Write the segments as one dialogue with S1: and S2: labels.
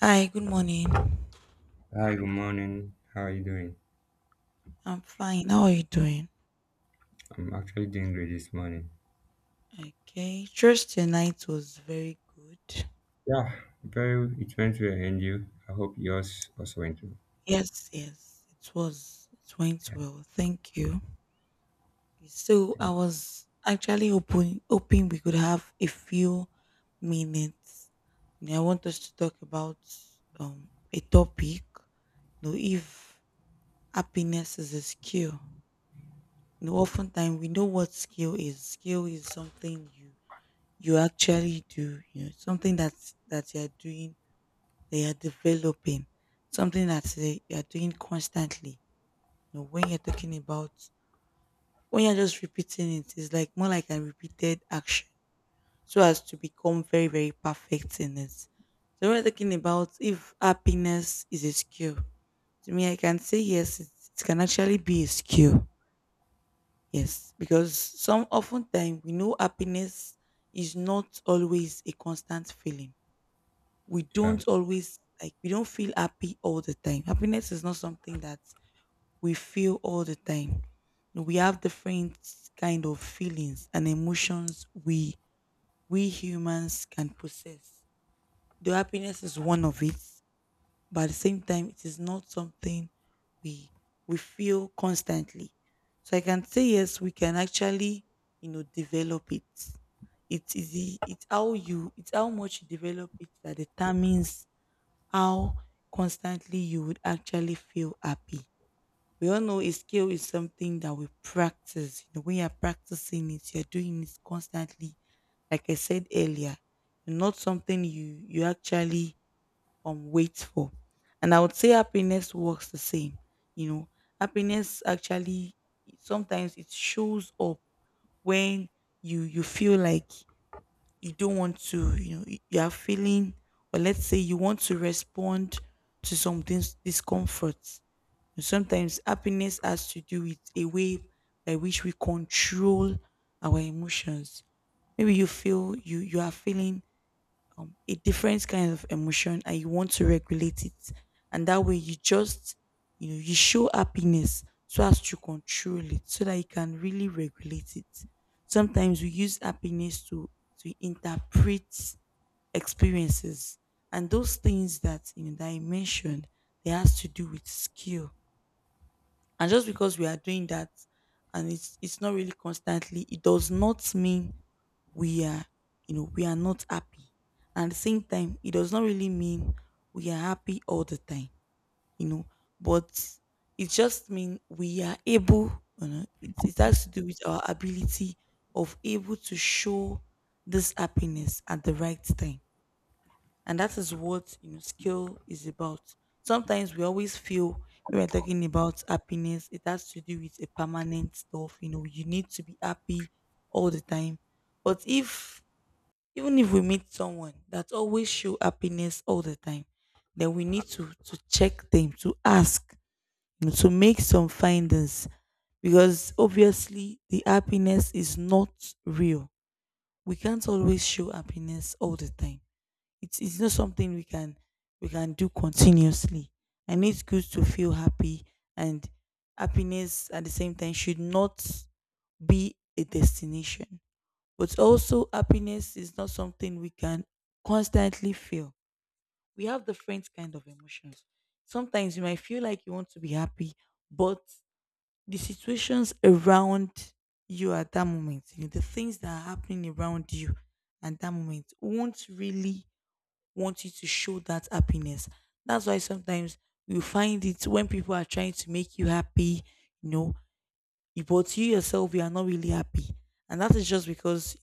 S1: Hi, good morning.
S2: Hi, good morning. How are you doing?
S1: I'm fine. How are you doing?
S2: I'm actually doing great this morning.
S1: Okay. Thursday night was very good.
S2: Yeah, very. It went well, and you? I hope yours also went well.
S1: Yes, yes, it was. It went
S2: Yeah,
S1: well. Thank you. So I
S2: thank
S1: was actually hoping we could have a few minutes. You know, I want us to talk about a topic. You know, if happiness is a skill. You know, oftentimes we know what skill is. Skill is something you actually do, you know, something that you're doing, that you're developing, something that you're doing constantly, you know, when you're talking about, when you're just repeating it, it's like more like a repeated action, so as to become very very perfect in it. So when we're talking about if happiness is a skill, to me I can say yes, it can actually be a skill. Yes, because some oftentimes we know happiness is not always a constant feeling. We
S2: you. Yeah.
S1: don't always like we don't feel happy all the time. Happiness is not something that we feel all the time. We have different kind of feelings and emotions we humans can possess. The happiness is one of it, but at the same time it is not something we we feel constantly. So I can say yes, we can actually, you know, develop it. It is it's how you, it's how much you develop it that determines how constantly you would actually feel happy. We all know a skill is something that we practice. You know, when you're practicing it, you're doing it constantly. Like I said earlier, not something you actually wait for. And I would say happiness works the same. You know, happiness actually sometimes it shows up when you feel like you don't want to, you know, you are feeling, or let's say you want to respond to some things, discomfort. Sometimes happiness has to do with a way by which we control our emotions. Maybe you feel you are feeling a different kind of emotion and you want to regulate it, and that way you just, you know, you show happiness so as to control it so that you can really regulate it. Sometimes we use happiness to interpret experiences, and those things that, you know, that I mentioned, they has to do with skill. And just because we are doing that and it's not really constantly, it does not mean we are, you know, we are not happy. And at the same time, it does not really mean we are happy all the time, you know, but it just means we are able, you know, it has to do with our ability of able to show this happiness at the right time, and that is what, you know, skill is about. Sometimes we always feel when we're talking about happiness, it has to do with a permanent stuff. You know, you need to be happy all the time. But if, even if we meet someone that always show happiness all the time, then we need to check them, to ask, you know, to make some findings, because obviously the happiness is not real. We can't always show happiness all the time. It's not something we can do continuously. And it's good to feel happy, and happiness at the same time should not be a destination. But also happiness is not something we can constantly feel. We have different kind of emotions. Sometimes you might feel like you want to be happy, but the situations around you at that moment, you know, the things that are happening around you at that moment won't really want you to show that happiness. That's why sometimes you find it when people are trying to make you happy, you know, but you yourself, you are not really happy. And that is just because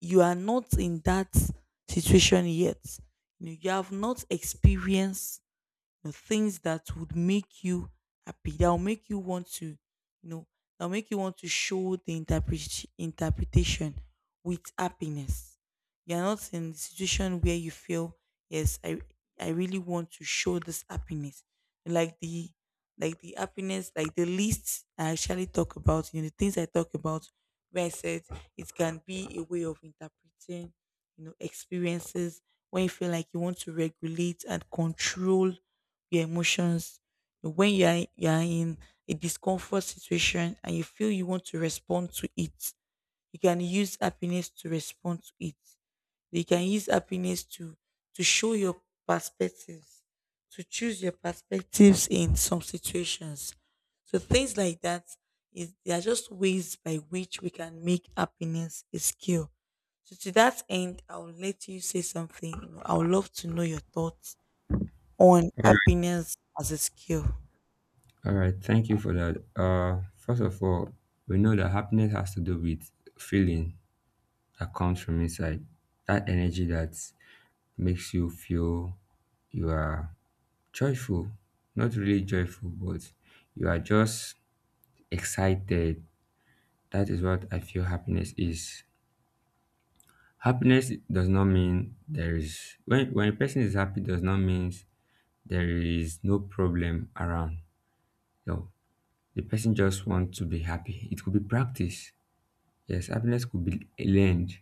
S1: you are not in that situation yet. You, know, you have not experienced, know, things that would make you happy, that will make you want to, you know, that will make you want to show the interpretation with happiness. You're not in the situation where you feel, yes, I really want to show this happiness. Like the, like the happiness, like the list I actually talk about, you know, the things I talk about where I said it can be a way of interpreting, you know, experiences, when you feel like you want to regulate and control your emotions. When you are in a discomfort situation and you feel you want to respond to it, you can use happiness to respond to it. You can use happiness to show your perspectives, to choose your perspectives in some situations. So things like that is, they are just ways by which we can make happiness a skill. So to that end, I will let you say something. I would love to know your thoughts on
S2: All right.
S1: happiness as a skill.
S2: All right. Thank you for that. First of all, we know that happiness has to do with feeling that comes from inside, that energy that makes you feel you are joyful, not really joyful, but you are just excited. That is what I feel happiness is. Happiness does not mean there is when a person is happy does not mean there is no problem around. No. The person just wants to be happy. It could be practice. Yes, happiness could be learned.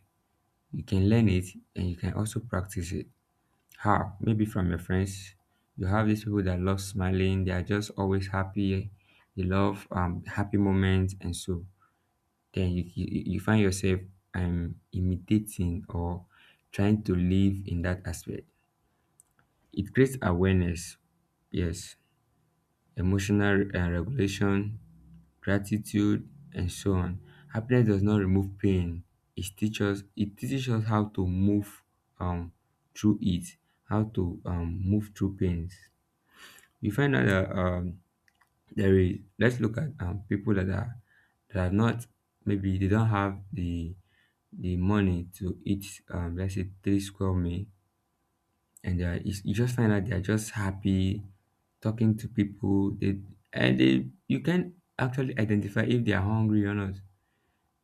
S2: You can learn it and you can also practice it. How? Maybe from your friends. You have these people that love smiling, they are just always happy, they love happy moments, and so then you find yourself imitating or trying to live in that aspect. It creates awareness, yes, emotional, regulation, gratitude, and so on. Happiness does not remove pain. It teaches us how to move um through it, how to move through pains. We find out that there is let's look at people that are not, maybe they don't have the money to eat, let's say, three square meal, and you just find out they are just happy talking to people. They and they you can actually identify if they are hungry or not.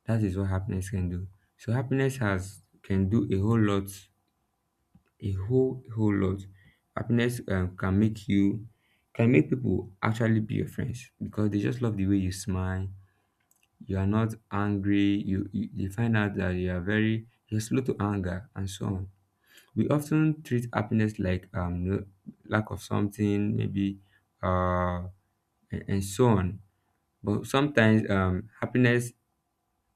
S2: That is what happiness can do. So happiness has can do a whole lot, a whole, whole lot. Happiness, can make you can make people actually be your friends, because they just love the way you smile. You are not angry. You They find out that you are very you're slow to anger, and so on. We often treat happiness like lack of something, maybe, uh and so on. But sometimes, happiness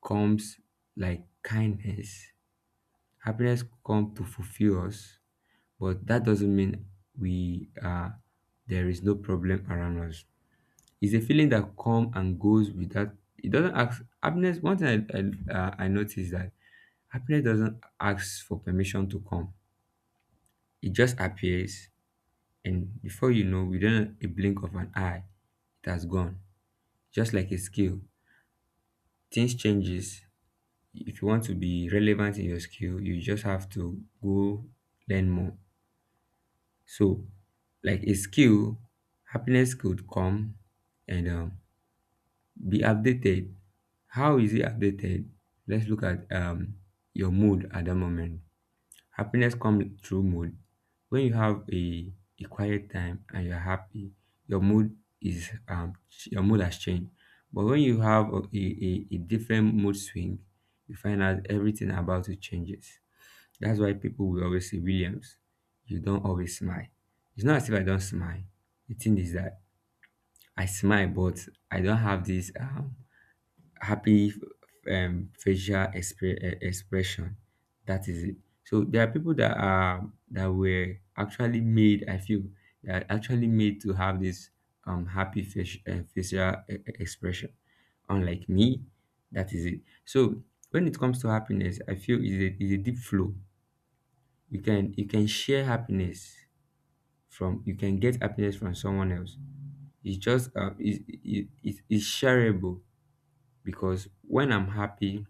S2: comes like kindness. Happiness comes to fulfill us, but that doesn't mean we are there is no problem around us. It's a feeling that comes and goes without. It doesn't ask happiness. One thing I noticed, that happiness doesn't ask for permission to come. It just appears, and before you know, within a blink of an eye, it has gone. Just like a skill, things changes. If you want to be relevant in your skill, you just have to go learn more. So, like a skill, happiness could come and, be updated. How is it updated? Let's look at, your mood at that moment. Happiness comes through mood. When you have a quiet time and you're happy, your mood has changed. But when you have a different mood swing, you find out everything about it changes. That's why people will always say, "Williams, you don't always smile." It's not as if I don't smile. The thing is that I smile, but I don't have this, happy, facial expression. That is it. So there are people that are that were actually made. I feel they are actually made to have this, happy facial, facial expression. Unlike me. That is it. So when it comes to happiness, I feel is a deep flow. You can share happiness. From You can get happiness from someone else. It's just it, it, it, It's shareable, because when I'm happy,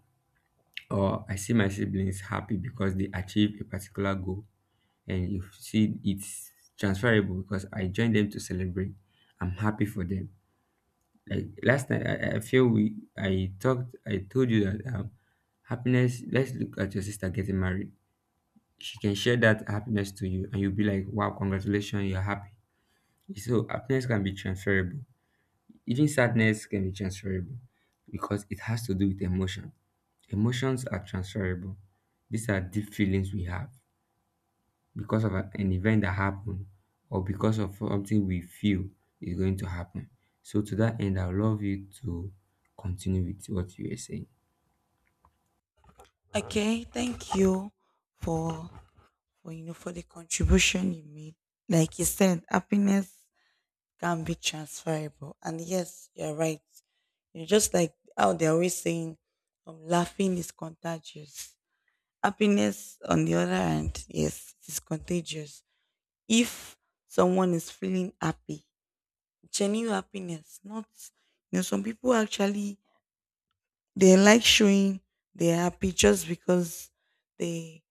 S2: or I see my siblings happy because they achieve a particular goal, and you see, it's transferable, because I join them to celebrate. I'm happy for them. Like last night, I feel we I told you that, happiness, let's look at your sister getting married. She can share that happiness to you, and you'll be like, "Wow, congratulations, you're happy." So happiness can be transferable. Even sadness can be transferable, because it has to do with emotion. Emotions are transferable. These are deep feelings we have because of an event that happened, or because of something we feel is going to happen. So to that end, I would love you to continue with what you were saying.
S1: Okay, thank you for you know, for the contribution you made. Like you said, happiness can be transferable. And yes, you're right. You know, just like how they're always saying laughing is contagious. Happiness on the other hand, yes, it is contagious. If someone is feeling happy, genuine happiness, not, you know, some people actually, they like showing they are happy just because they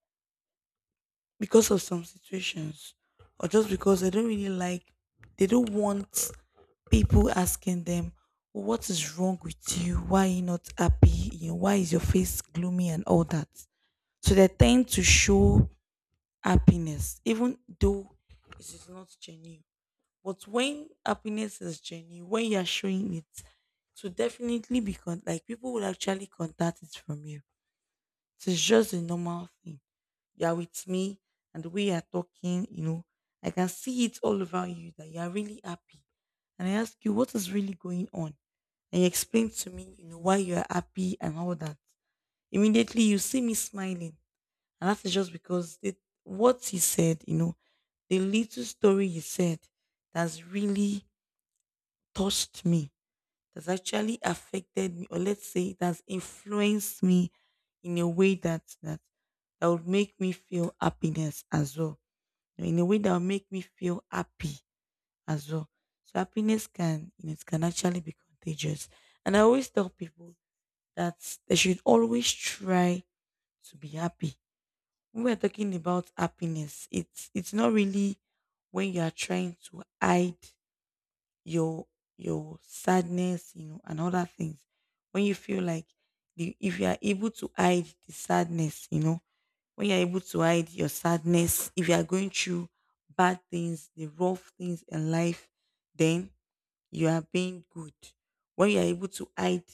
S1: because of some situations, or just because they don't really like, they don't want people asking them, "Oh, what is wrong with you? Why are you not happy? You know, why is your face gloomy?" And all that. So they tend to show happiness even though it is not genuine. But when happiness is genuine, when you are showing it, to definitely be like, people will actually contact it from you. It is just a normal thing. You are with me, and the way you are talking, you know, I can see it all over you that you are really happy. And I ask you, what is really going on? And you explain to me, you know, why you are happy and all that. Immediately, you see me smiling. And that is just because it, what he said, you know, the little story he said, that's really touched me, that's actually affected me, or let's say it has influenced me in a way that that would make me feel happiness as well. You know, in a way that would make me feel happy as well. So happiness can, you know, it can actually be contagious. And I always tell people that they should always try to be happy. When we're talking about happiness, it's not really when you are trying to hide your sadness, you know, and other things. When you feel like if you are able to hide the sadness, you know, when you're able to hide your sadness, if you are going through bad things, the rough things in life, then you are being good. When you are able to hide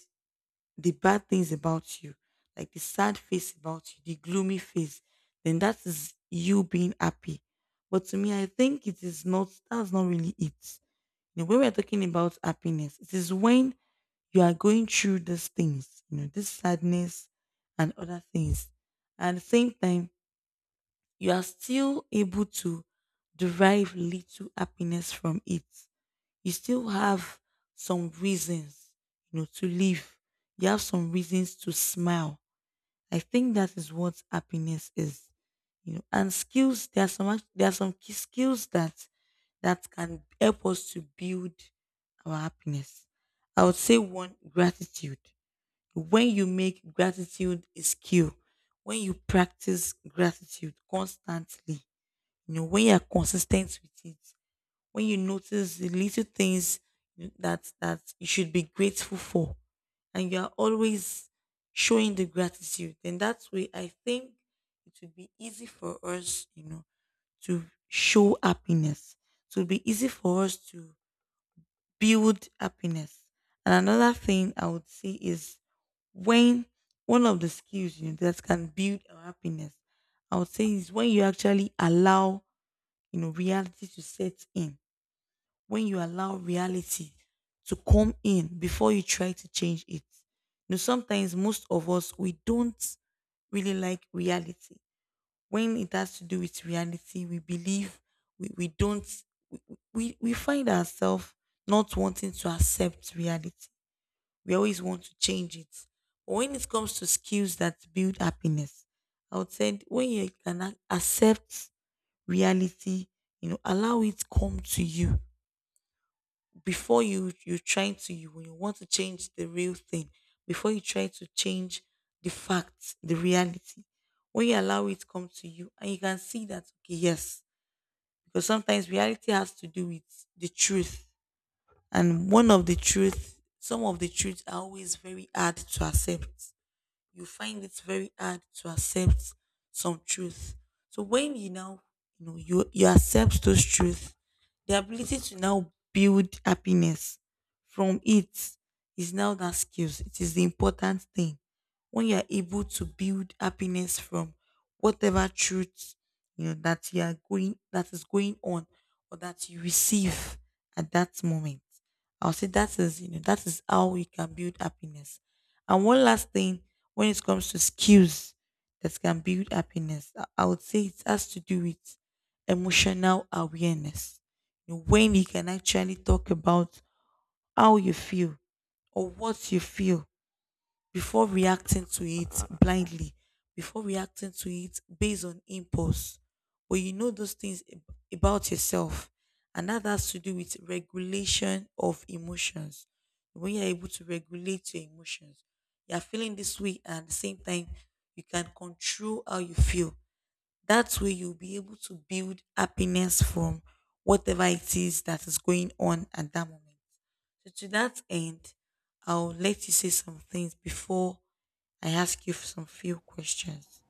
S1: the bad things about you, like the sad face about you, the gloomy face, then that is you being happy. But to me, I think it is not, that's not really it. You know, when we're talking about happiness, it is when you are going through these things, you know, this sadness and other things. And at the same time, you are still able to derive little happiness from it. You still have some reasons, you know, to live. You have some reasons to smile. I think that is what happiness is, you know. And skills, there are some there are some key skills that can help us to build our happiness. I would say one, gratitude. When you make gratitude a skill, when you practice gratitude constantly, you know, when you are consistent with it, when you notice the little things that you should be grateful for, and you are always showing the gratitude, then that way I think it would be easy for us, you know, to show happiness. It would be easy for us to build happiness. And another thing I would say is, when, one of the skills, you know, that can build our happiness, I would say is when you actually allow, you know, reality to set in, when you allow reality to come in before you try to change it. You know, sometimes most of us we don't really like reality. When it has to do with reality, we believe we don't we, we find ourselves not wanting to accept reality. We always want to change it. But when it comes to skills that build happiness, I would say when you can accept reality. Allow it come to you before you you try to you when you want to change the real thing before you try to change the reality. When you allow it come to you and you can see that, okay, yes, because sometimes reality has to do with the truth. And one of the truth some of the truths are always very hard to accept. You find it very hard to accept some truth. So when you now, you accept those truths, the ability to now build happiness from it is now that skills. It is the important thing. When you are able to build happiness from whatever truth that is going on or that you receive at that moment. I'll say that is, that is how we can build happiness. And one last thing, when it comes to skills that can build happiness, I would say it has to do with emotional awareness. You know, when you can actually talk about how you feel or what you feel before reacting to it blindly, before reacting to it based on impulse. But you know those things about yourself. And that has to do with regulation of emotions. When you're able to regulate your emotions, you're feeling this way, and at the same time, you can control how you feel. That way, you'll be able to build happiness from whatever it is that is going on at that moment. So to that end, I'll let you say some things before I ask you for some few questions.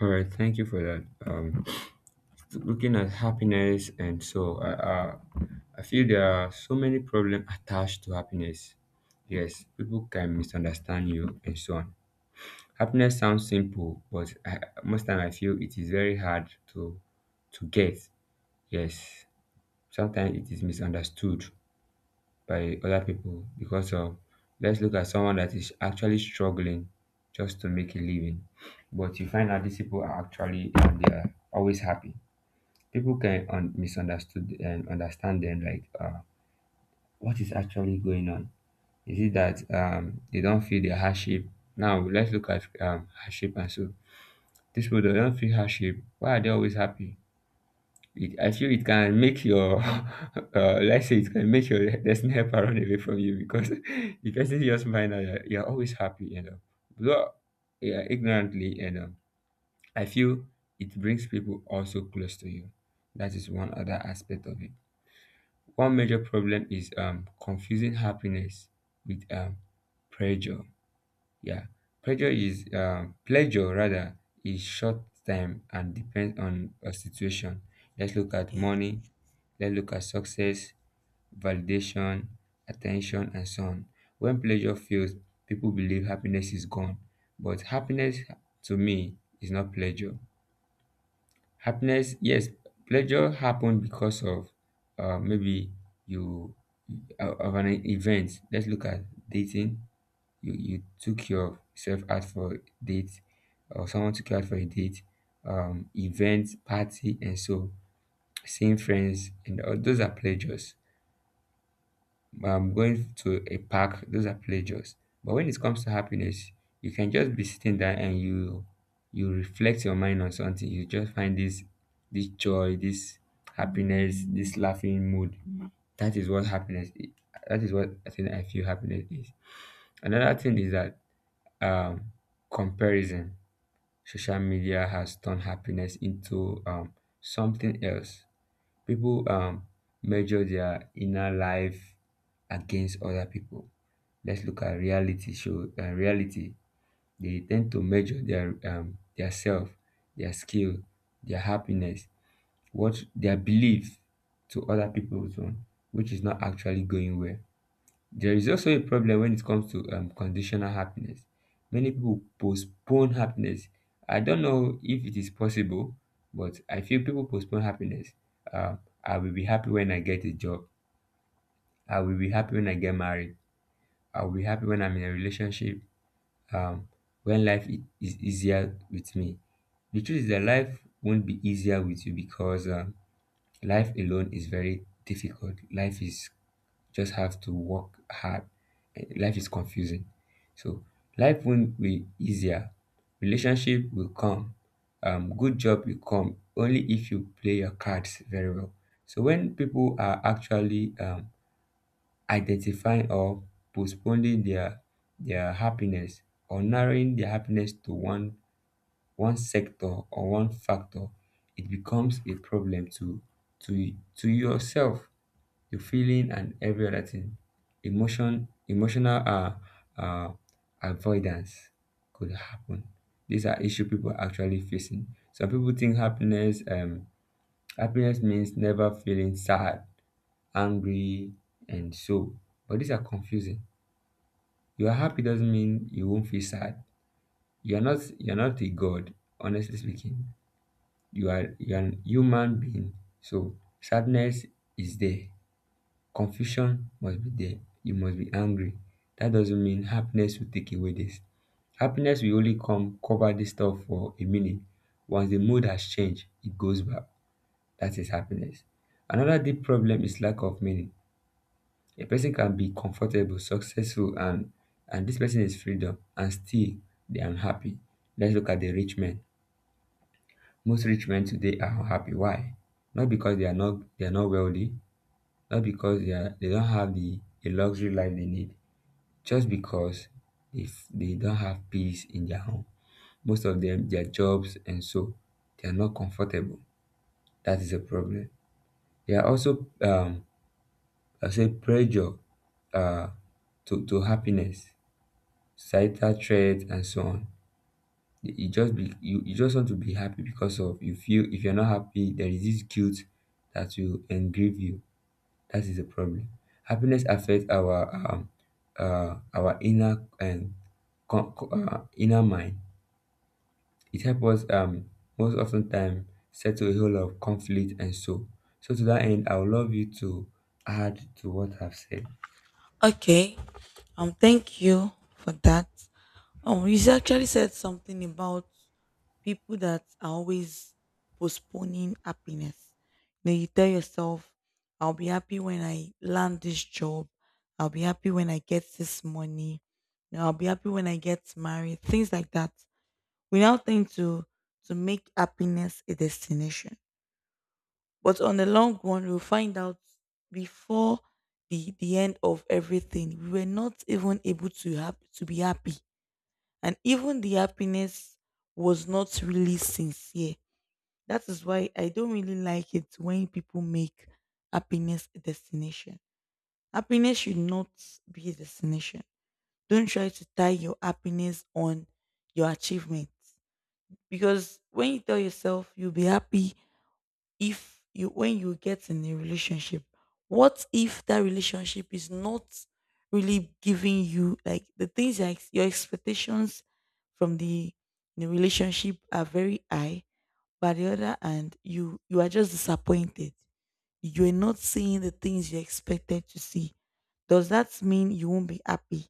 S2: All right, thank you for that. Um, Looking at happiness, and so I feel there are so many problems attached to happiness. Yes, people can misunderstand you, and so on. Happiness sounds simple, but most time I feel it is very hard to get. Yes, sometimes it is misunderstood by other people, because of, let's look at someone that is actually struggling just to make a living, but you find out these people are actually and they are always happy. People can misunderstood and understand them, like, what is actually going on? Is it that, they don't feel the hardship? Now let's look at, hardship, and so these people, they don't feel hardship, why are they always happy? I feel it can make your let's say it can make your destiny helper run away from you, because the person just find out that you're always happy. Though, yeah, ignorantly, I feel it brings people also close to you. That is one other aspect of it. One major problem is, confusing happiness with, pleasure. Yeah, pleasure is, pleasure rather, is short time and depends on a situation. Let's look at
S1: Yes.
S2: money. Let's look at success, validation, attention, and so on. When pleasure fails, people believe happiness is gone. But happiness, to me, is not pleasure. Happiness, yes, pleasure happened because of, maybe you, of an event. Let's look at dating. You took yourself out for a date, or someone took you out for a date, event, party, and so, seeing friends, and all those are pleasures. Going to a park, those are pleasures. But when it comes to happiness, you can just be sitting there, and you reflect your mind on something. You just find this, joy, this happiness, this laughing mood. That is what happiness is. That is what I think I feel happiness is. Another thing is that, um, comparison. Social media has turned happiness into, something else. People, measure their inner life against other people. Let's look at reality show, reality. They tend to measure their, their self, their skill, their happiness, what their belief, to other people's own, which is not actually going well. There is also a problem when it comes to, conditional happiness. Many people postpone happiness. I don't know if it is possible, but I feel people postpone happiness. um, I will be happy when I get a job. I will be happy when I get married. I will be happy when I'm in a relationship. um, when life is easier with me. The truth is that life won't be easier with you, because, life alone is very difficult. Life is, just have to work hard. Life is confusing. So life won't be easier. Relationship will come. Good job will come, only if you play your cards very well. So when people are actually, identifying or postponing their, happiness, or narrowing their happiness to one sector or one factor, it becomes a problem to yourself, your feeling, and every other thing. Emotional, uh avoidance could happen. These are issue people are actually facing. Some people think happiness, happiness means never feeling sad, angry, and so. But these are confusing. You're happy doesn't mean you won't feel sad. You're not a god, honestly speaking. You're an human being. So sadness is there. Confusion must be there. You must be angry. That doesn't mean happiness will take away this. Happiness will only come cover this stuff for a minute. Once the mood has changed, it goes back. That is happiness. Another deep problem is lack of meaning. A person can be comfortable, successful, and this person is freedom, and still they are unhappy. Let's look at the rich men. Most rich men today are unhappy. Why? Not because they are not wealthy, not because they don't have the luxury life they need, just because, if they don't have peace in their home. Most of them, their jobs, and so, they are not comfortable. That is a problem. They are also, I say pressure, uh to happiness. Societal threats, and so on. You just want to be happy, because of, you feel, if you're not happy, there is this guilt that will engrave you. That is the problem. Happiness affects our, our inner, and inner mind. It helps us most often time settle a whole lot of conflict and so. So to that end, I would love you to add to what I've said.
S1: Okay. Thank you for that. You actually said something about people that are always postponing happiness. You know, you tell yourself, "I'll be happy when I land this job. I'll be happy when I get this money. You know, I'll be happy when I get married." Things like that. We now tend to make happiness a destination. But on the long run, we'll find out before the end of everything, we were not even able to have to be happy. And even the happiness was not really sincere. That is why I don't really like it when people make happiness a destination. Happiness should not be a destination. Don't try to tie your happiness on your achievements. Because when you tell yourself you'll be happy if you when you get in a relationship, what if that relationship is not really giving you like the things, like your expectations from the relationship are very high, but the other hand you are just disappointed. You're not seeing the things you expected to see. Does that mean you won't be happy?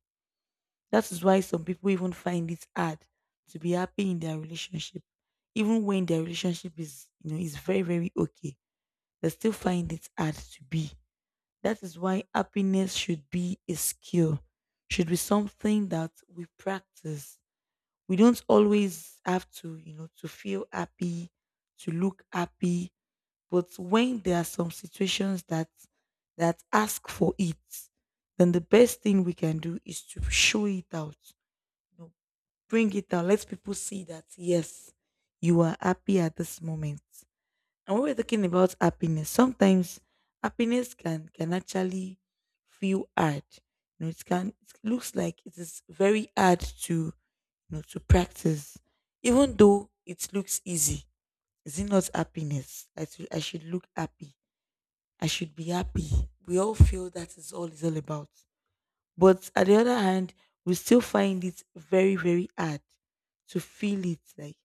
S1: That is why some people even find it hard to be happy in their relationship. Even when their relationship is, you know, is very, very okay, they still find it hard to be. That is why happiness should be a skill, should be something that we practice. We don't always have to, you know, to feel happy, to look happy. But when there are some situations that ask for it, then the best thing we can do is to show it out. You know, bring it out. Let people see that, yes, you are happy at this moment. And when we're talking about happiness, sometimes happiness can actually feel hard. You know, it can, it looks like it is very hard to, you know, to practice. Even though it looks easy, is it not happiness? I should look happy. I should be happy. We all feel that is all about. But at the other hand, we still find it very, very hard to feel it. Like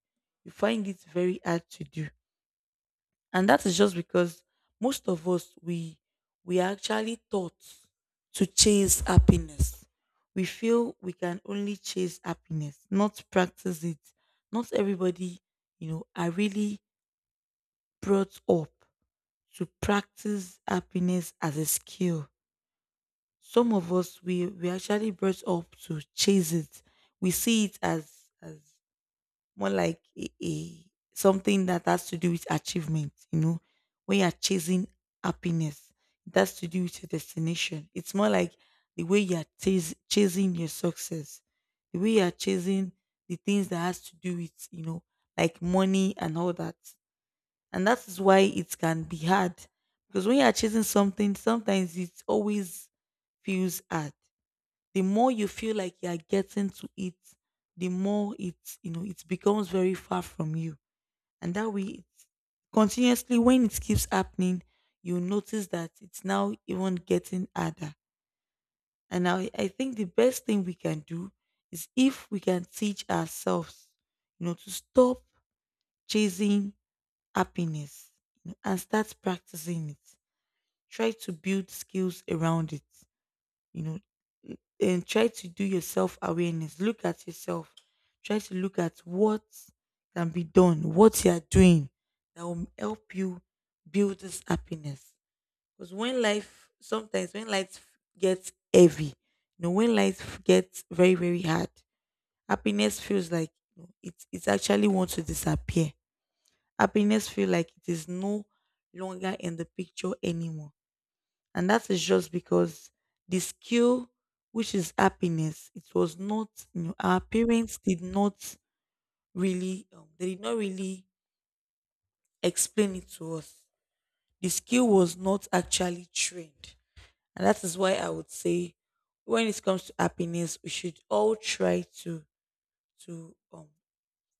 S1: you find it very hard to do. And that is just because most of us we are actually taught to chase happiness. We feel we can only chase happiness, not practice it. Not everybody, you know, are really brought up to practice happiness as a skill. Some of us we actually brought up to chase it. We see it as as more like a something that has to do with achievement. You know, when you are chasing happiness, it has to do with your destination. It's more like the way you are chasing your success, the way you are chasing the things that has to do with, you know, like money and all that. And that is why it can be hard, because when you are chasing something, sometimes it always feels hard. The more you feel like you are getting to it, the more it, you know, it becomes very far from you, and that way, it, continuously when it keeps happening, you notice that it's now even getting harder. And I think the best thing we can do is if we can teach ourselves, you know, to stop chasing happiness, you know, and start practicing it. Try to build skills around it. You know, then try to do your self awareness. Look at yourself. Try to look at what can be done, what you are doing that will help you build this happiness. Because when life, sometimes when life gets heavy, you know, when life gets very, very hard, happiness feels like, you know, it actually wants to disappear. Happiness feels like it is no longer in the picture anymore. And that is just because the skill, which is happiness, it was not, you know, our parents did not really, they did not really explain it to us. The skill was not actually trained. And that is why I would say when it comes to happiness, we should all try to, to, um,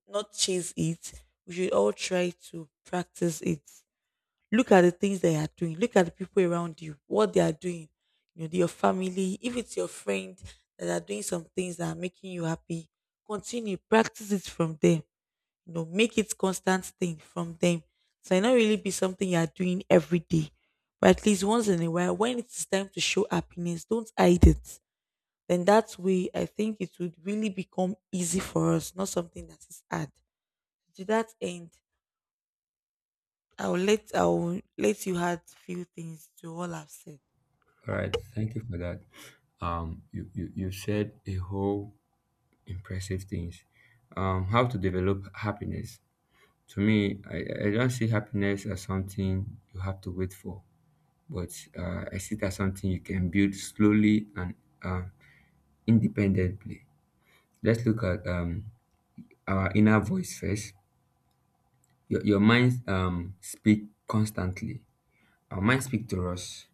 S1: not chase it. We should all try to practice it. Look at the things they are doing. Look at the people around you, what they are doing. You know, your family, if it's your friend that are doing some things that are making you happy, continue, practice it from them. You know, make it constant thing from them. So it not really be something you are doing every day. But at least once in a while, when it's time to show happiness, don't hide it. Then that way I think it would really become easy for us, not something that is hard. To that end, I'll let you add few things to all I've said.
S2: All right, thank you for that. You said a whole impressive things. How to develop happiness. To me, I don't see happiness as something you have to wait for, but I see it as something you can build slowly and uh, independently. Let's look at our inner voice first. Your mind speak constantly. Our mind speak to us.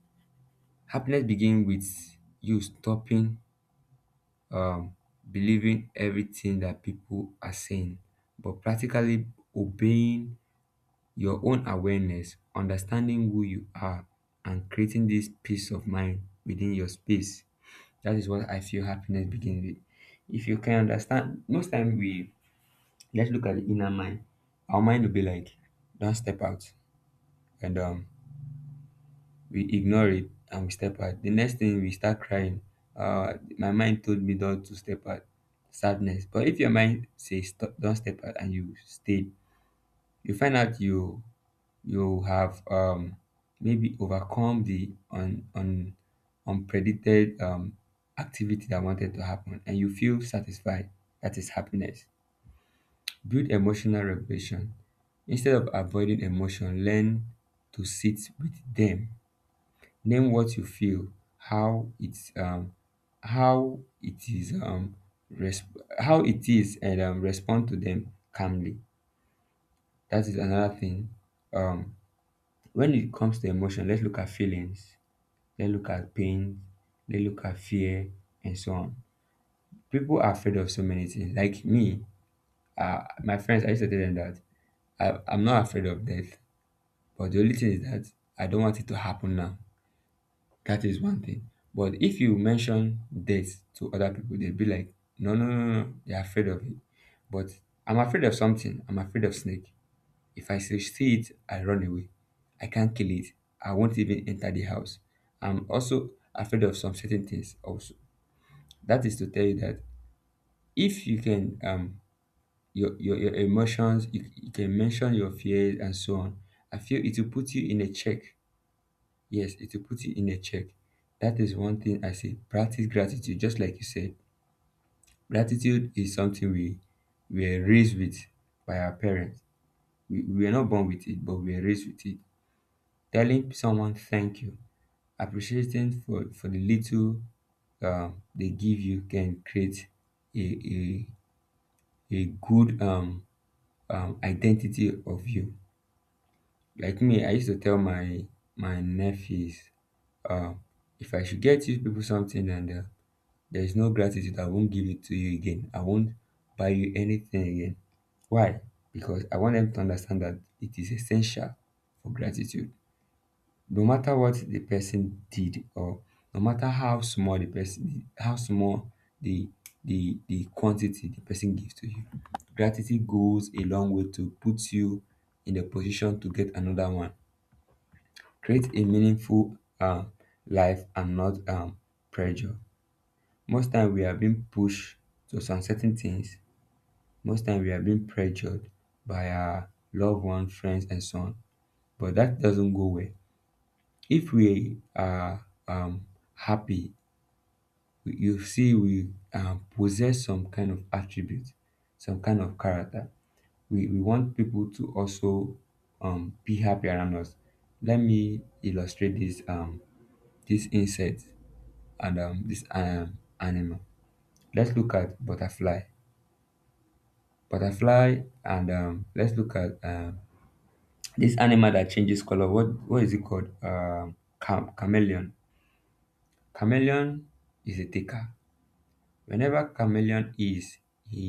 S2: Happiness begins with you stopping um, believing everything that people are saying, but practically obeying your own awareness, understanding who you are, and creating this peace of mind within your space. That is what I feel happiness begins with. If you can understand, most time we, let's look at the inner mind. Our mind will be like, don't step out, and we ignore it and we step out. The next thing we start crying. My mind told me not to step out. Sadness. But if your mind says stop, don't step out, and you stayed, you find out you you have maybe overcome the unpredicted activity that wanted to happen and you feel satisfied. That is happiness. Build emotional regulation instead of avoiding emotion. Learn to sit with them, name what you feel, how it's um, how it is um, how it is, and respond to them calmly. That is another thing. um, When it comes to emotion, let's look at feelings, let's look at pain, let's look at fear, and so on. People are afraid of so many things. Like me, my friends, I used to tell them that I'm not afraid of death, but the only thing is that I don't want it to happen now. That is one thing. But if you mention death to other people, they'll be like, no, no, no, no, they're afraid of it. But I'm afraid of something. I'm afraid of snake. If I see it, I run away. I can't kill it. I won't even enter the house. I'm also afraid of some certain things also. That is to tell you that if you can your emotions, you can mention your fears and so on. I feel it will put you in a check. Yes, it will put you in a check. That is one thing I say. Practice gratitude, just like you said. Gratitude is something we are raised with by our parents. We are not born with it, but we are raised with it. Telling someone thank you, appreciating for the little they give, you can create a a a good identity of you. Like me, I used to tell my my nephews, uh, if I should get you people something and there is no gratitude, I won't give it to you again. I won't buy you anything again. Why? Because I want them to understand that it is essential for gratitude. No matter what the person did, or no matter how small the person, how small the the quantity the person gives to you, gratitude goes a long way to put you in a position to get another one. Create a meaningful life and not pressure. Most time we are being pushed to some certain things. Most time we are being pressured by our loved ones, friends, and so on, but that doesn't go well. If we are happy, you see, we possess some kind of attribute, some kind of character. We want people to also be happy around us. Let me illustrate this this insect and this animal. Let's look at butterfly. Butterfly and let's look at this animal that changes color. What is it called? Chameleon. Chameleon is a taker. Whenever chameleon is, he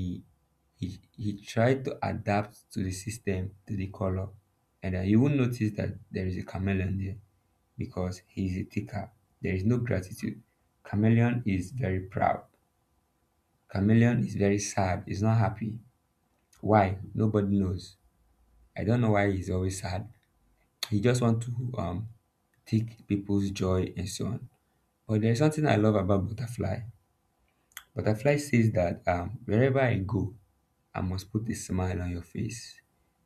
S2: he try to adapt to the system, to the color, and you will notice that there is a chameleon there because he is a taker. There is no gratitude. Chameleon is very proud. Chameleon is very sad, he's not happy. Why? Nobody knows. I don't know why he's always sad. He just want to take people's joy and so on. But there's something I love about butterfly. Butterfly says that wherever I go, I must put a smile on your face.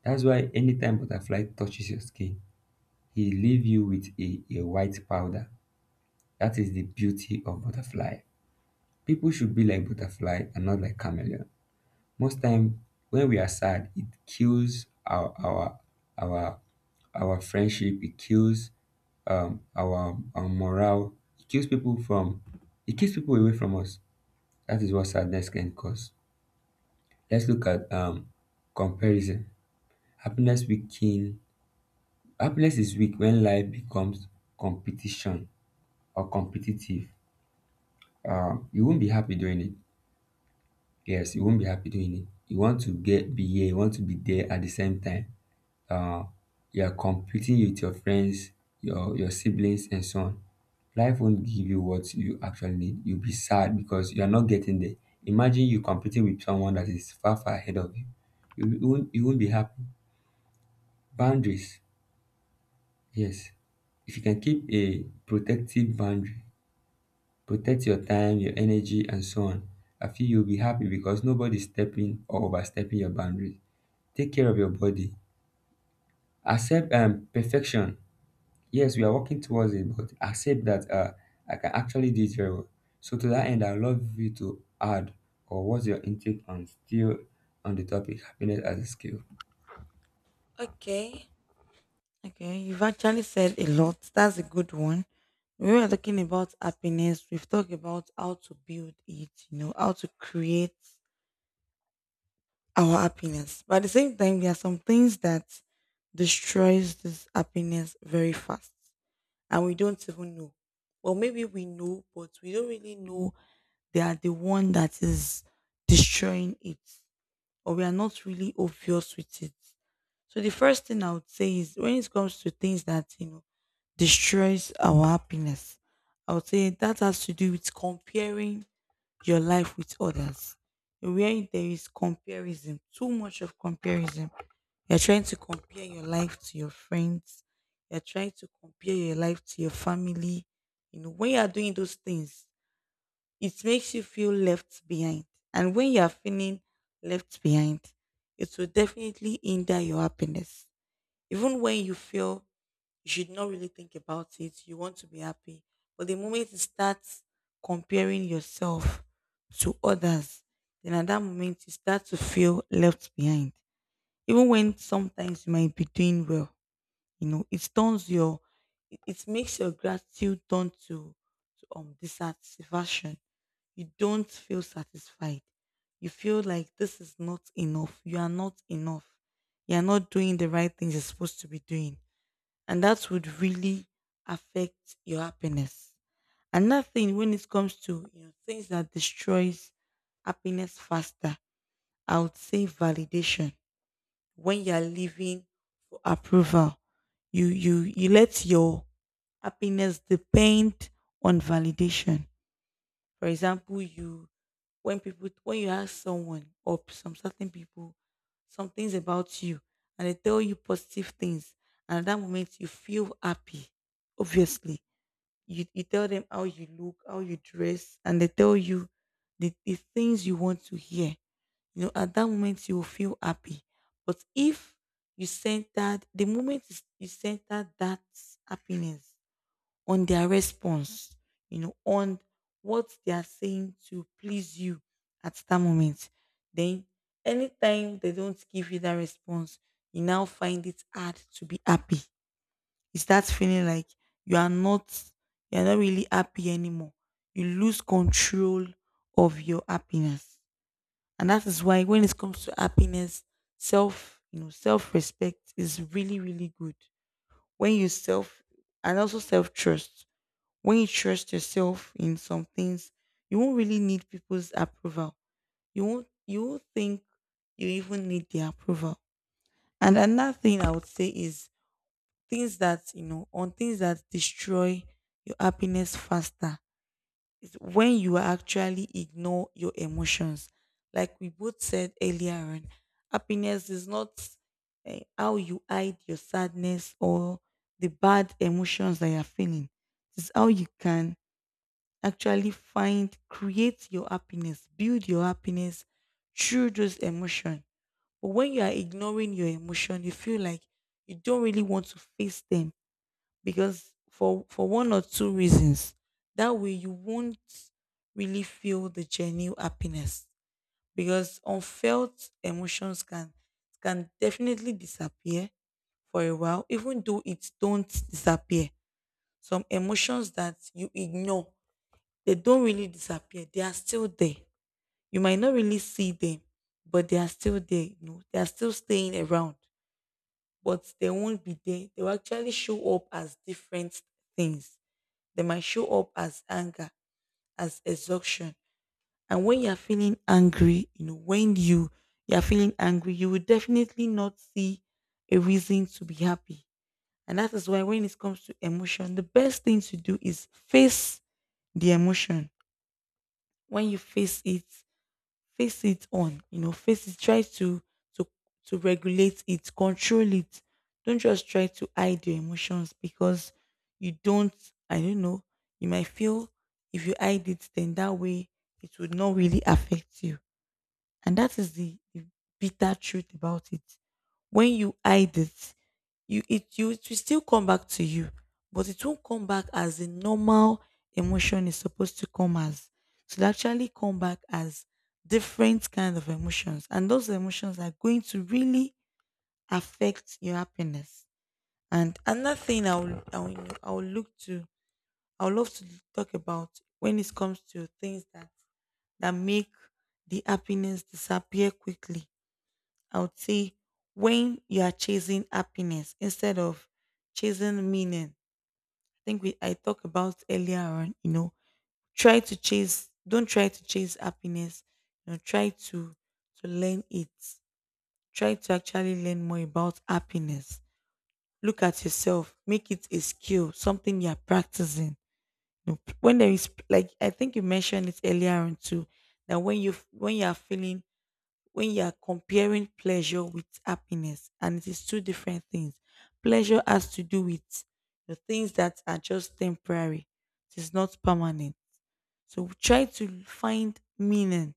S2: That's why anytime butterfly touches your skin, he leave you with a white powder. That is the beauty of butterfly. People should be like butterfly and not like chameleon. Most time when we are sad, it kills our our friendship, it kills our morale, it kills people from it kills people away from us. That is what sadness can cause. Let's look at comparison. Happiness weaken, happiness is weak when life becomes competition or competitive. You won't be happy doing it. Yes, you won't be happy doing it. You want to get be here, you want to be there at the same time. Uh, you are competing with your friends, your siblings, and so on. Life won't give you what you actually need. You'll be sad because you are not getting there. Imagine you competing with someone that is far far ahead of you. You won't be happy. Boundaries, yes. If you can keep a protective boundary, protect your time, your energy, and so on, I feel you'll be happy because nobody's stepping or overstepping your boundary. Take care of your body. Accept perfection. Yes, we are working towards it, but accept that I can actually do it very well. So to that end, I'd love you to add, or what's your intake on, still on the topic, happiness as a skill?
S1: Okay. Okay, you've actually said a lot. That's a good one. We were talking about happiness. We've talked about how to build it, you know, how to create our happiness. But at the same time, there are some things that destroys this happiness very fast, and we don't even know. Or maybe we know, but we don't really know they are the one that is destroying it, or we are not really obvious with it. So the first thing I would say is when it comes to things that, you know, destroys our happiness, I would say that has to do with comparing your life with others. Where there is comparison, too much of comparison. You're trying to compare your life to your friends. You're trying to compare your life to your family. You know, when you are doing those things, it makes you feel left behind. And when you are feeling left behind, it will definitely hinder your happiness. Even when you feel you should not really think about it, you want to be happy. But the moment you start comparing yourself to others, then at that moment you start to feel left behind. Even when sometimes you might be doing well, you know, it turns your, it makes your gratitude turn to dissatisfaction. You don't feel satisfied. You feel like this is not enough. You are not enough. You are not doing the right things you're supposed to be doing. And that would really affect your happiness. Another thing when it comes to, you know, things that destroys happiness faster, I would say validation. When you're living for approval, you let your happiness depend on validation. For example, you when people, when you ask someone or some certain people some things about you and they tell you positive things, and at that moment you feel happy. Obviously, you tell them how you look, how you dress, and they tell you the things you want to hear. You know, at that moment you will feel happy. But if you centered that happiness on their response, you know, on what they are saying to please you at that moment. Then, anytime they don't give you that response, you now find it hard to be happy. You start feeling like you are not, you are not really happy anymore. You lose control of your happiness, and that is why when it comes to happiness, self, you know, self respect is really, really good when you self and also self trust when you trust yourself in some things, you won't really need people's approval. You won't think you even need their approval. And another thing I would say is things that, you know, on things that destroy your happiness faster is when you actually ignore your emotions. Like we both said earlier on, happiness is not how you hide your sadness or the bad emotions that you're feeling. It's how you can actually find, create your happiness, build your happiness through those emotions. But when you are ignoring your emotion, you feel like you don't really want to face them because for one or two reasons. That way, you won't really feel the genuine happiness because unfelt emotions can definitely disappear for a while, even though it don't disappear. Some emotions that you ignore, they don't really disappear. They are still there. You might not really see them, but they are still there. You know, they are still staying around, but they won't be there. They will actually show up as different things. They might show up as anger, as exhaustion. And when you are feeling angry, you know, when you are feeling angry, you will definitely not see a reason to be happy. And that is why when it comes to emotion, the best thing to do is face the emotion. When you face it on, you know, face it, try to to to regulate it, control it. Don't just try to hide your emotions because you don't, I don't know, you might feel if you hide it, then that way it would not really affect you. And that is the bitter truth about it. When you hide it, you it you it will still come back to you, but it won't come back as a normal emotion is supposed to come as. It will actually come back as different kind of emotions, and those emotions are going to really affect your happiness. And another thing I will look to, I would love to talk about, when it comes to things that make the happiness disappear quickly. I would say when you are chasing happiness instead of chasing meaning. I think we I talked about earlier on, you know, try to chase, don't try to chase happiness. You know, try to learn it. Try to actually learn more about happiness. Look at yourself. Make it a skill, something you are practicing. You know, when there is, like, I think you mentioned it earlier on too, that when you are feeling, when you are comparing pleasure with happiness, and it is two different things. Pleasure has to do with the things that are just temporary. It is not permanent. So try to find meaning,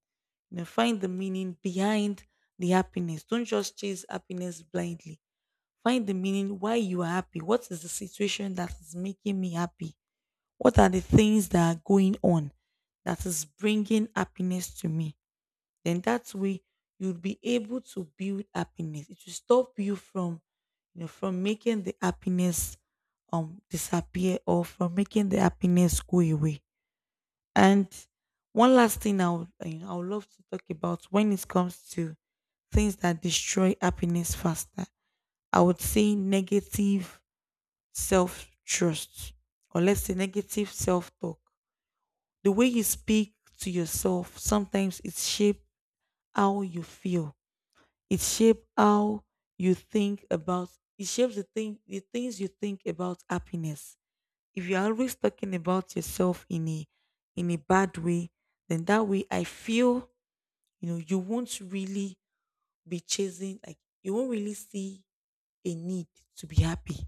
S1: you know, find the meaning behind the happiness. Don't just chase happiness blindly. Find the meaning why you are happy. What is the situation that is making me happy? What are the things that are going on that is bringing happiness to me? Then that way you'll be able to build happiness. It will stop you from, you know, from making the happiness disappear or from making the happiness go away. And one last thing I would, you know, I would love to talk about when it comes to things that destroy happiness faster. I would say negative self trust, or let's say negative self talk. The way you speak to yourself sometimes, it shapes how you feel. It shapes how you think about, it shapes the things you think about happiness. If you're always talking about yourself in a bad way, then that way I feel, you know, you won't really be chasing, like, you won't really see a need to be happy.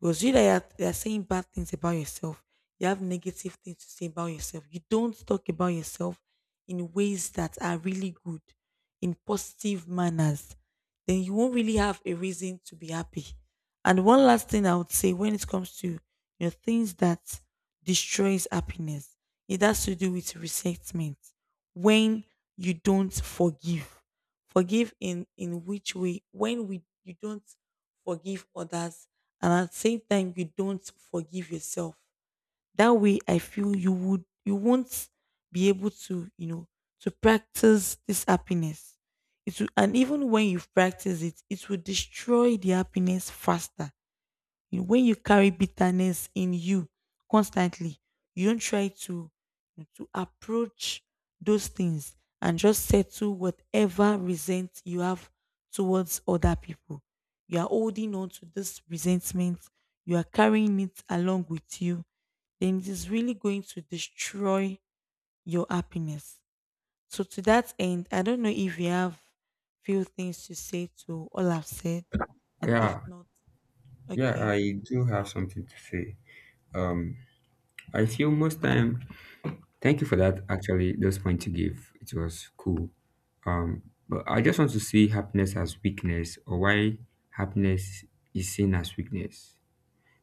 S1: Because you that you are, that are saying bad things about yourself, you have negative things to say about yourself. You don't talk about yourself in ways that are really good, in positive manners. Then you won't really have a reason to be happy. And one last thing I would say when it comes to, you know, things that destroys happiness, it has to do with resentment. When you don't forgive, forgive in which way? When we you don't forgive others, and at the same time you don't forgive yourself. That way I feel you would, you won't be able to, you know, to practice this happiness. It will, and even when you've practiced it, it will destroy the happiness faster, you know. When you carry bitterness in you constantly, you don't try to approach those things and just settle whatever resent you have towards other people. You are holding on to this resentment, you are carrying it along with you, then it is really going to destroy your happiness. So to that end, I don't know if you have few things to say to all I've said. And if
S2: Yeah,
S1: not,
S2: yeah,
S1: okay.
S2: I do have something to say. Um, I feel most time Thank you for that. Actually, those points you gave, it was cool. Um, but I just want to see happiness as weakness, or why happiness is seen as weakness.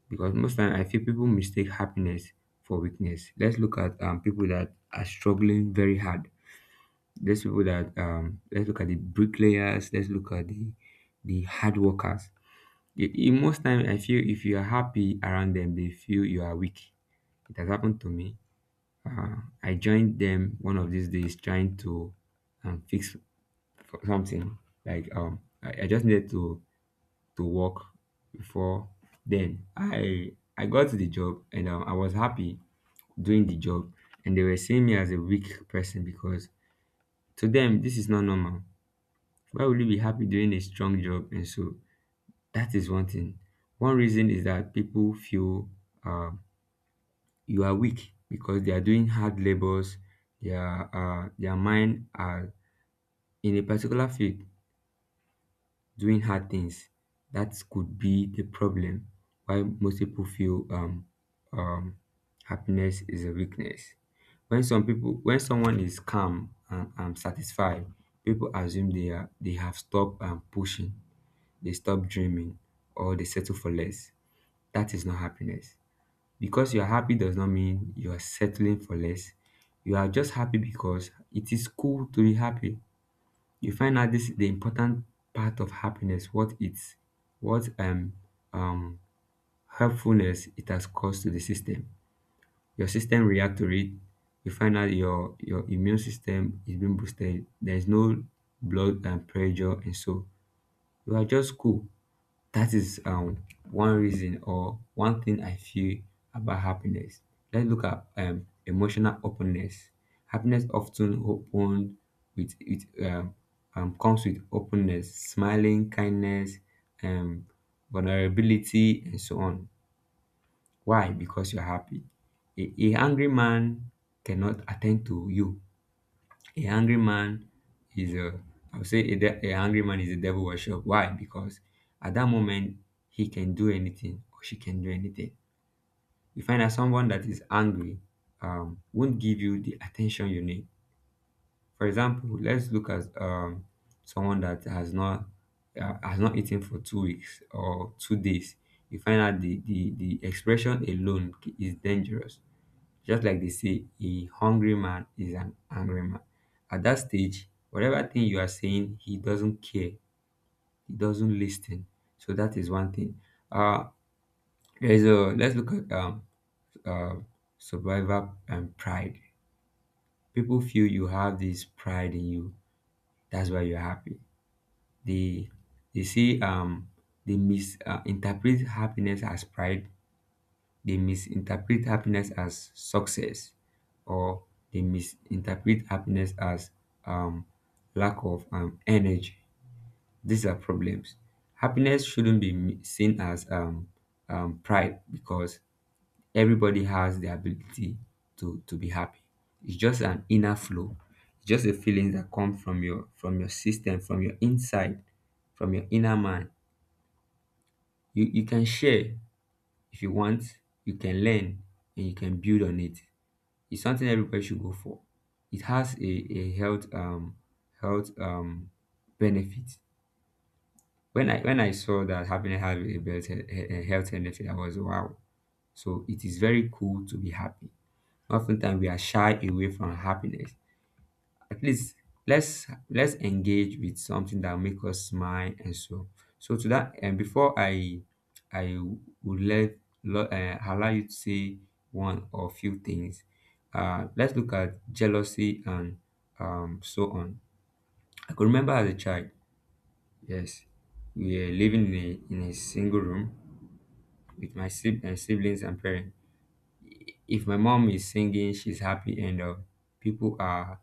S2: Because most time I feel people mistake happiness for weakness. Let's look at people that are struggling very hard. Let's people that let's look at the bricklayers. Let's look at the hard workers. In most time, I feel if you are happy around them, they feel you are weak. It has happened to me. uh, I joined them one of these days trying to fix something. Like I just needed to work before then. I got the job and I was happy doing the job, and they were seeing me as a weak person because to them this is not normal. Why would you be happy doing a strong job? And so that is one thing. One reason is that people feel uh, you are weak because they are doing hard labors. Their mind are in a particular field doing hard things. That could be the problem why most people feel um, happiness is a weakness. When some people, when someone is calm and satisfied, people assume they are, they have stopped pushing, they stop dreaming, or they settle for less. That is not happiness, because you are happy does not mean you are settling for less. You are just happy because it is cool to be happy. You find out this is the important part of happiness, what it's, what um helpfulness it has caused to the system. Your system react to it. You find out your immune system is being boosted. There is no blood and pressure and so. You are just cool. That is one reason or one thing I feel about happiness. Let's look at emotional openness. Happiness often open with it comes with openness, smiling, kindness, um vulnerability, and so on. Why? Because you're happy. A angry man cannot attend to you. A hungry man is a, I would say a hungry man is a devil worship. Why? Because at that moment, he can do anything or she can do anything. You find that someone that is angry won't give you the attention you need. For example, let's look at someone that has not eaten for 2 weeks or 2 days. You find out the expression alone is dangerous, just like they say, a hungry man is an angry man. At that stage, whatever thing you are saying, he doesn't care. He doesn't listen. So that is one thing. Uh, there's a let's look at uh, survivor and pride. People feel you have this pride in you. That's why you're happy. They they see they misinterpret, interpret happiness as pride. They misinterpret happiness as success, or they misinterpret happiness as um, lack of energy. These are problems. Happiness shouldn't be seen as pride, because everybody has the ability to be happy. It's just an inner flow. It's just the feelings that come from your, from your system, from your inside, from your inner man. You can share if you want. You can learn and you can build on it. It's something everybody should go for. It has a health health um benefit. When I saw that having have a health benefit, I was wow. So it is very cool to be happy. Oftentimes we are shy away from happiness. At least let's engage with something that make us smile and so. So to that and before I would let allow you to say one or few things. Uh, let's look at jealousy and so on. I could remember as a child, yes, we were living in a single room with my siblings and parents. If my mom is singing, she's happy, and people are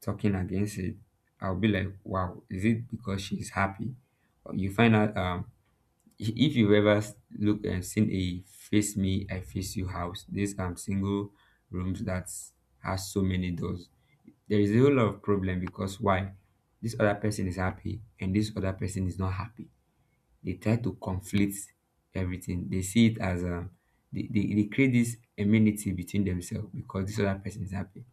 S2: talking against it, I'll be like, wow, is it because she's happy? Or you find out if you ever look and seen a face me, I face you house, these single rooms that has so many doors. There is a whole lot of problem because why? This other person is happy and this other person is not happy, they try to conflict everything. They see it as they create this enmity between themselves because this other person is happy.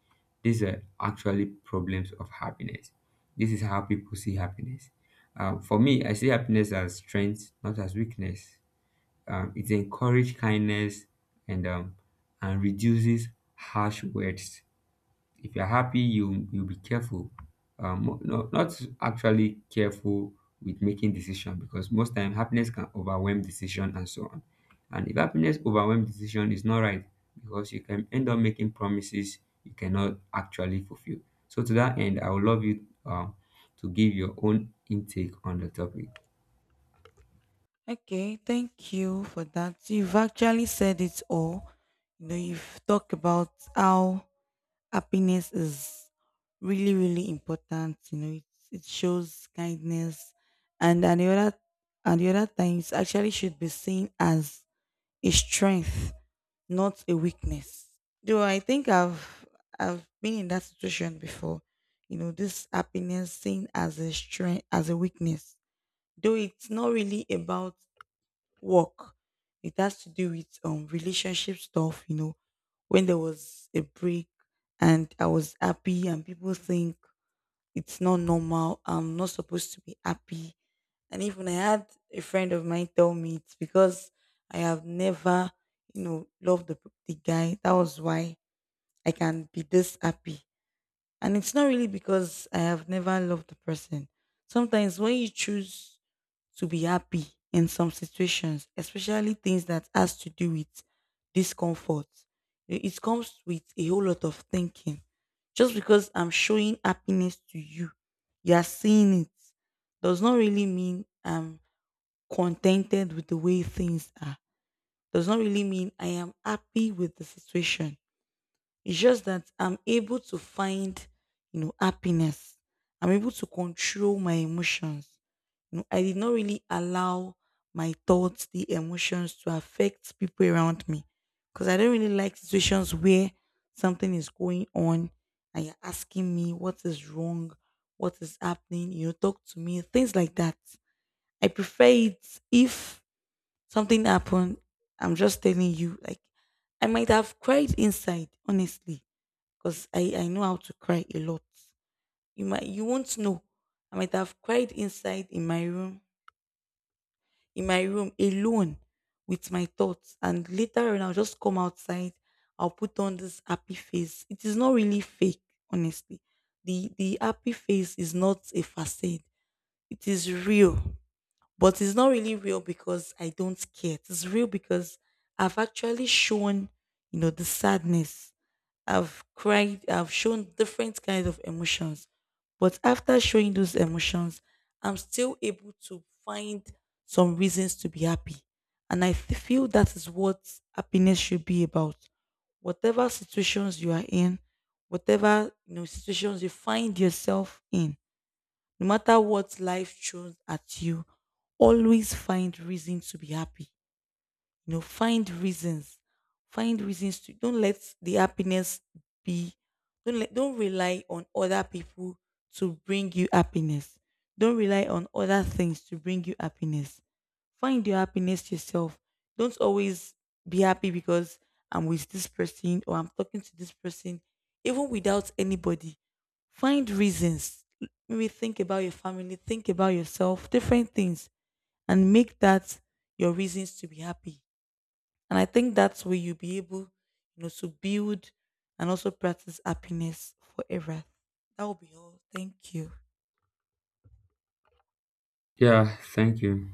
S2: These are actually problems of happiness. This is how people see happiness. For me, I see happiness as strength, not as weakness. It encourages kindness and and reduces harsh words. If you're happy, you'll be careful. No, not actually careful with making decision, because most time happiness can overwhelm decision and so on. And if happiness overwhelms decision is not right, because you can end up making promises you cannot actually fulfill. So to that end, I would love you to give your own intake on the topic.
S1: Okay, thank you for that. You've actually said it all. You know, you've talked about how happiness is really, really important. You know, it shows kindness, and the other times actually should be seen as a strength, not a weakness. Though I think I've been in that situation before. You know, this happiness seen as a strength, as a weakness, though it's not really about work. It has to do with relationship stuff, you know, when there was a break and I was happy and people think it's not normal. I'm not supposed to be happy. And even I had a friend of mine tell me it's because I have never, you know, loved the guy. That was why I can be this happy. And it's not really because I have never loved the person. Sometimes when you choose to be happy in some situations, especially things that has to do with discomfort. It comes with a whole lot of thinking. Just because I'm showing happiness to you, you are seeing it, does not really mean I'm contented with the way things are. Does not really mean I am happy with the situation. It's just that I'm able to find, you know, happiness. I'm able to control my emotions. You know, I did not really allow my thoughts, the emotions, to affect people around me. Because I don't really like situations where something is going on and you're asking me what is wrong, what is happening, you know, talk to me, things like that. I prefer it if something happened, I'm just telling you, like, I might have cried inside, honestly, because I know how to cry a lot. You might, you won't know. I might have cried inside in my room alone with my thoughts. And later on I'll just come outside, I'll put on this happy face. It is not really fake, honestly. The happy face is not a facade. It is real. But it's not really real because I don't care. It's real because I've actually shown, you know, the sadness. I've cried, I've shown different kinds of emotions. But after showing those emotions, I'm still able to find some reasons to be happy. And feel that is what happiness should be about. Whatever situations you are in, whatever, you know, situations you find yourself in, no matter what life throws at you, always find reason to be happy, you know, find reasons, find reasons to, don't let the happiness be, don't let, don't rely on other people to bring you happiness. Don't rely on other things to bring you happiness. Find your happiness yourself. Don't always be happy because I'm with this person or I'm talking to this person. Even without anybody, find reasons, maybe think about your family, think about yourself, different things, and make that your reasons to be happy. And I think that's where you'll be able, you know, to build and also practice happiness forever. That will be all. Thank you.
S2: Yeah, thank you.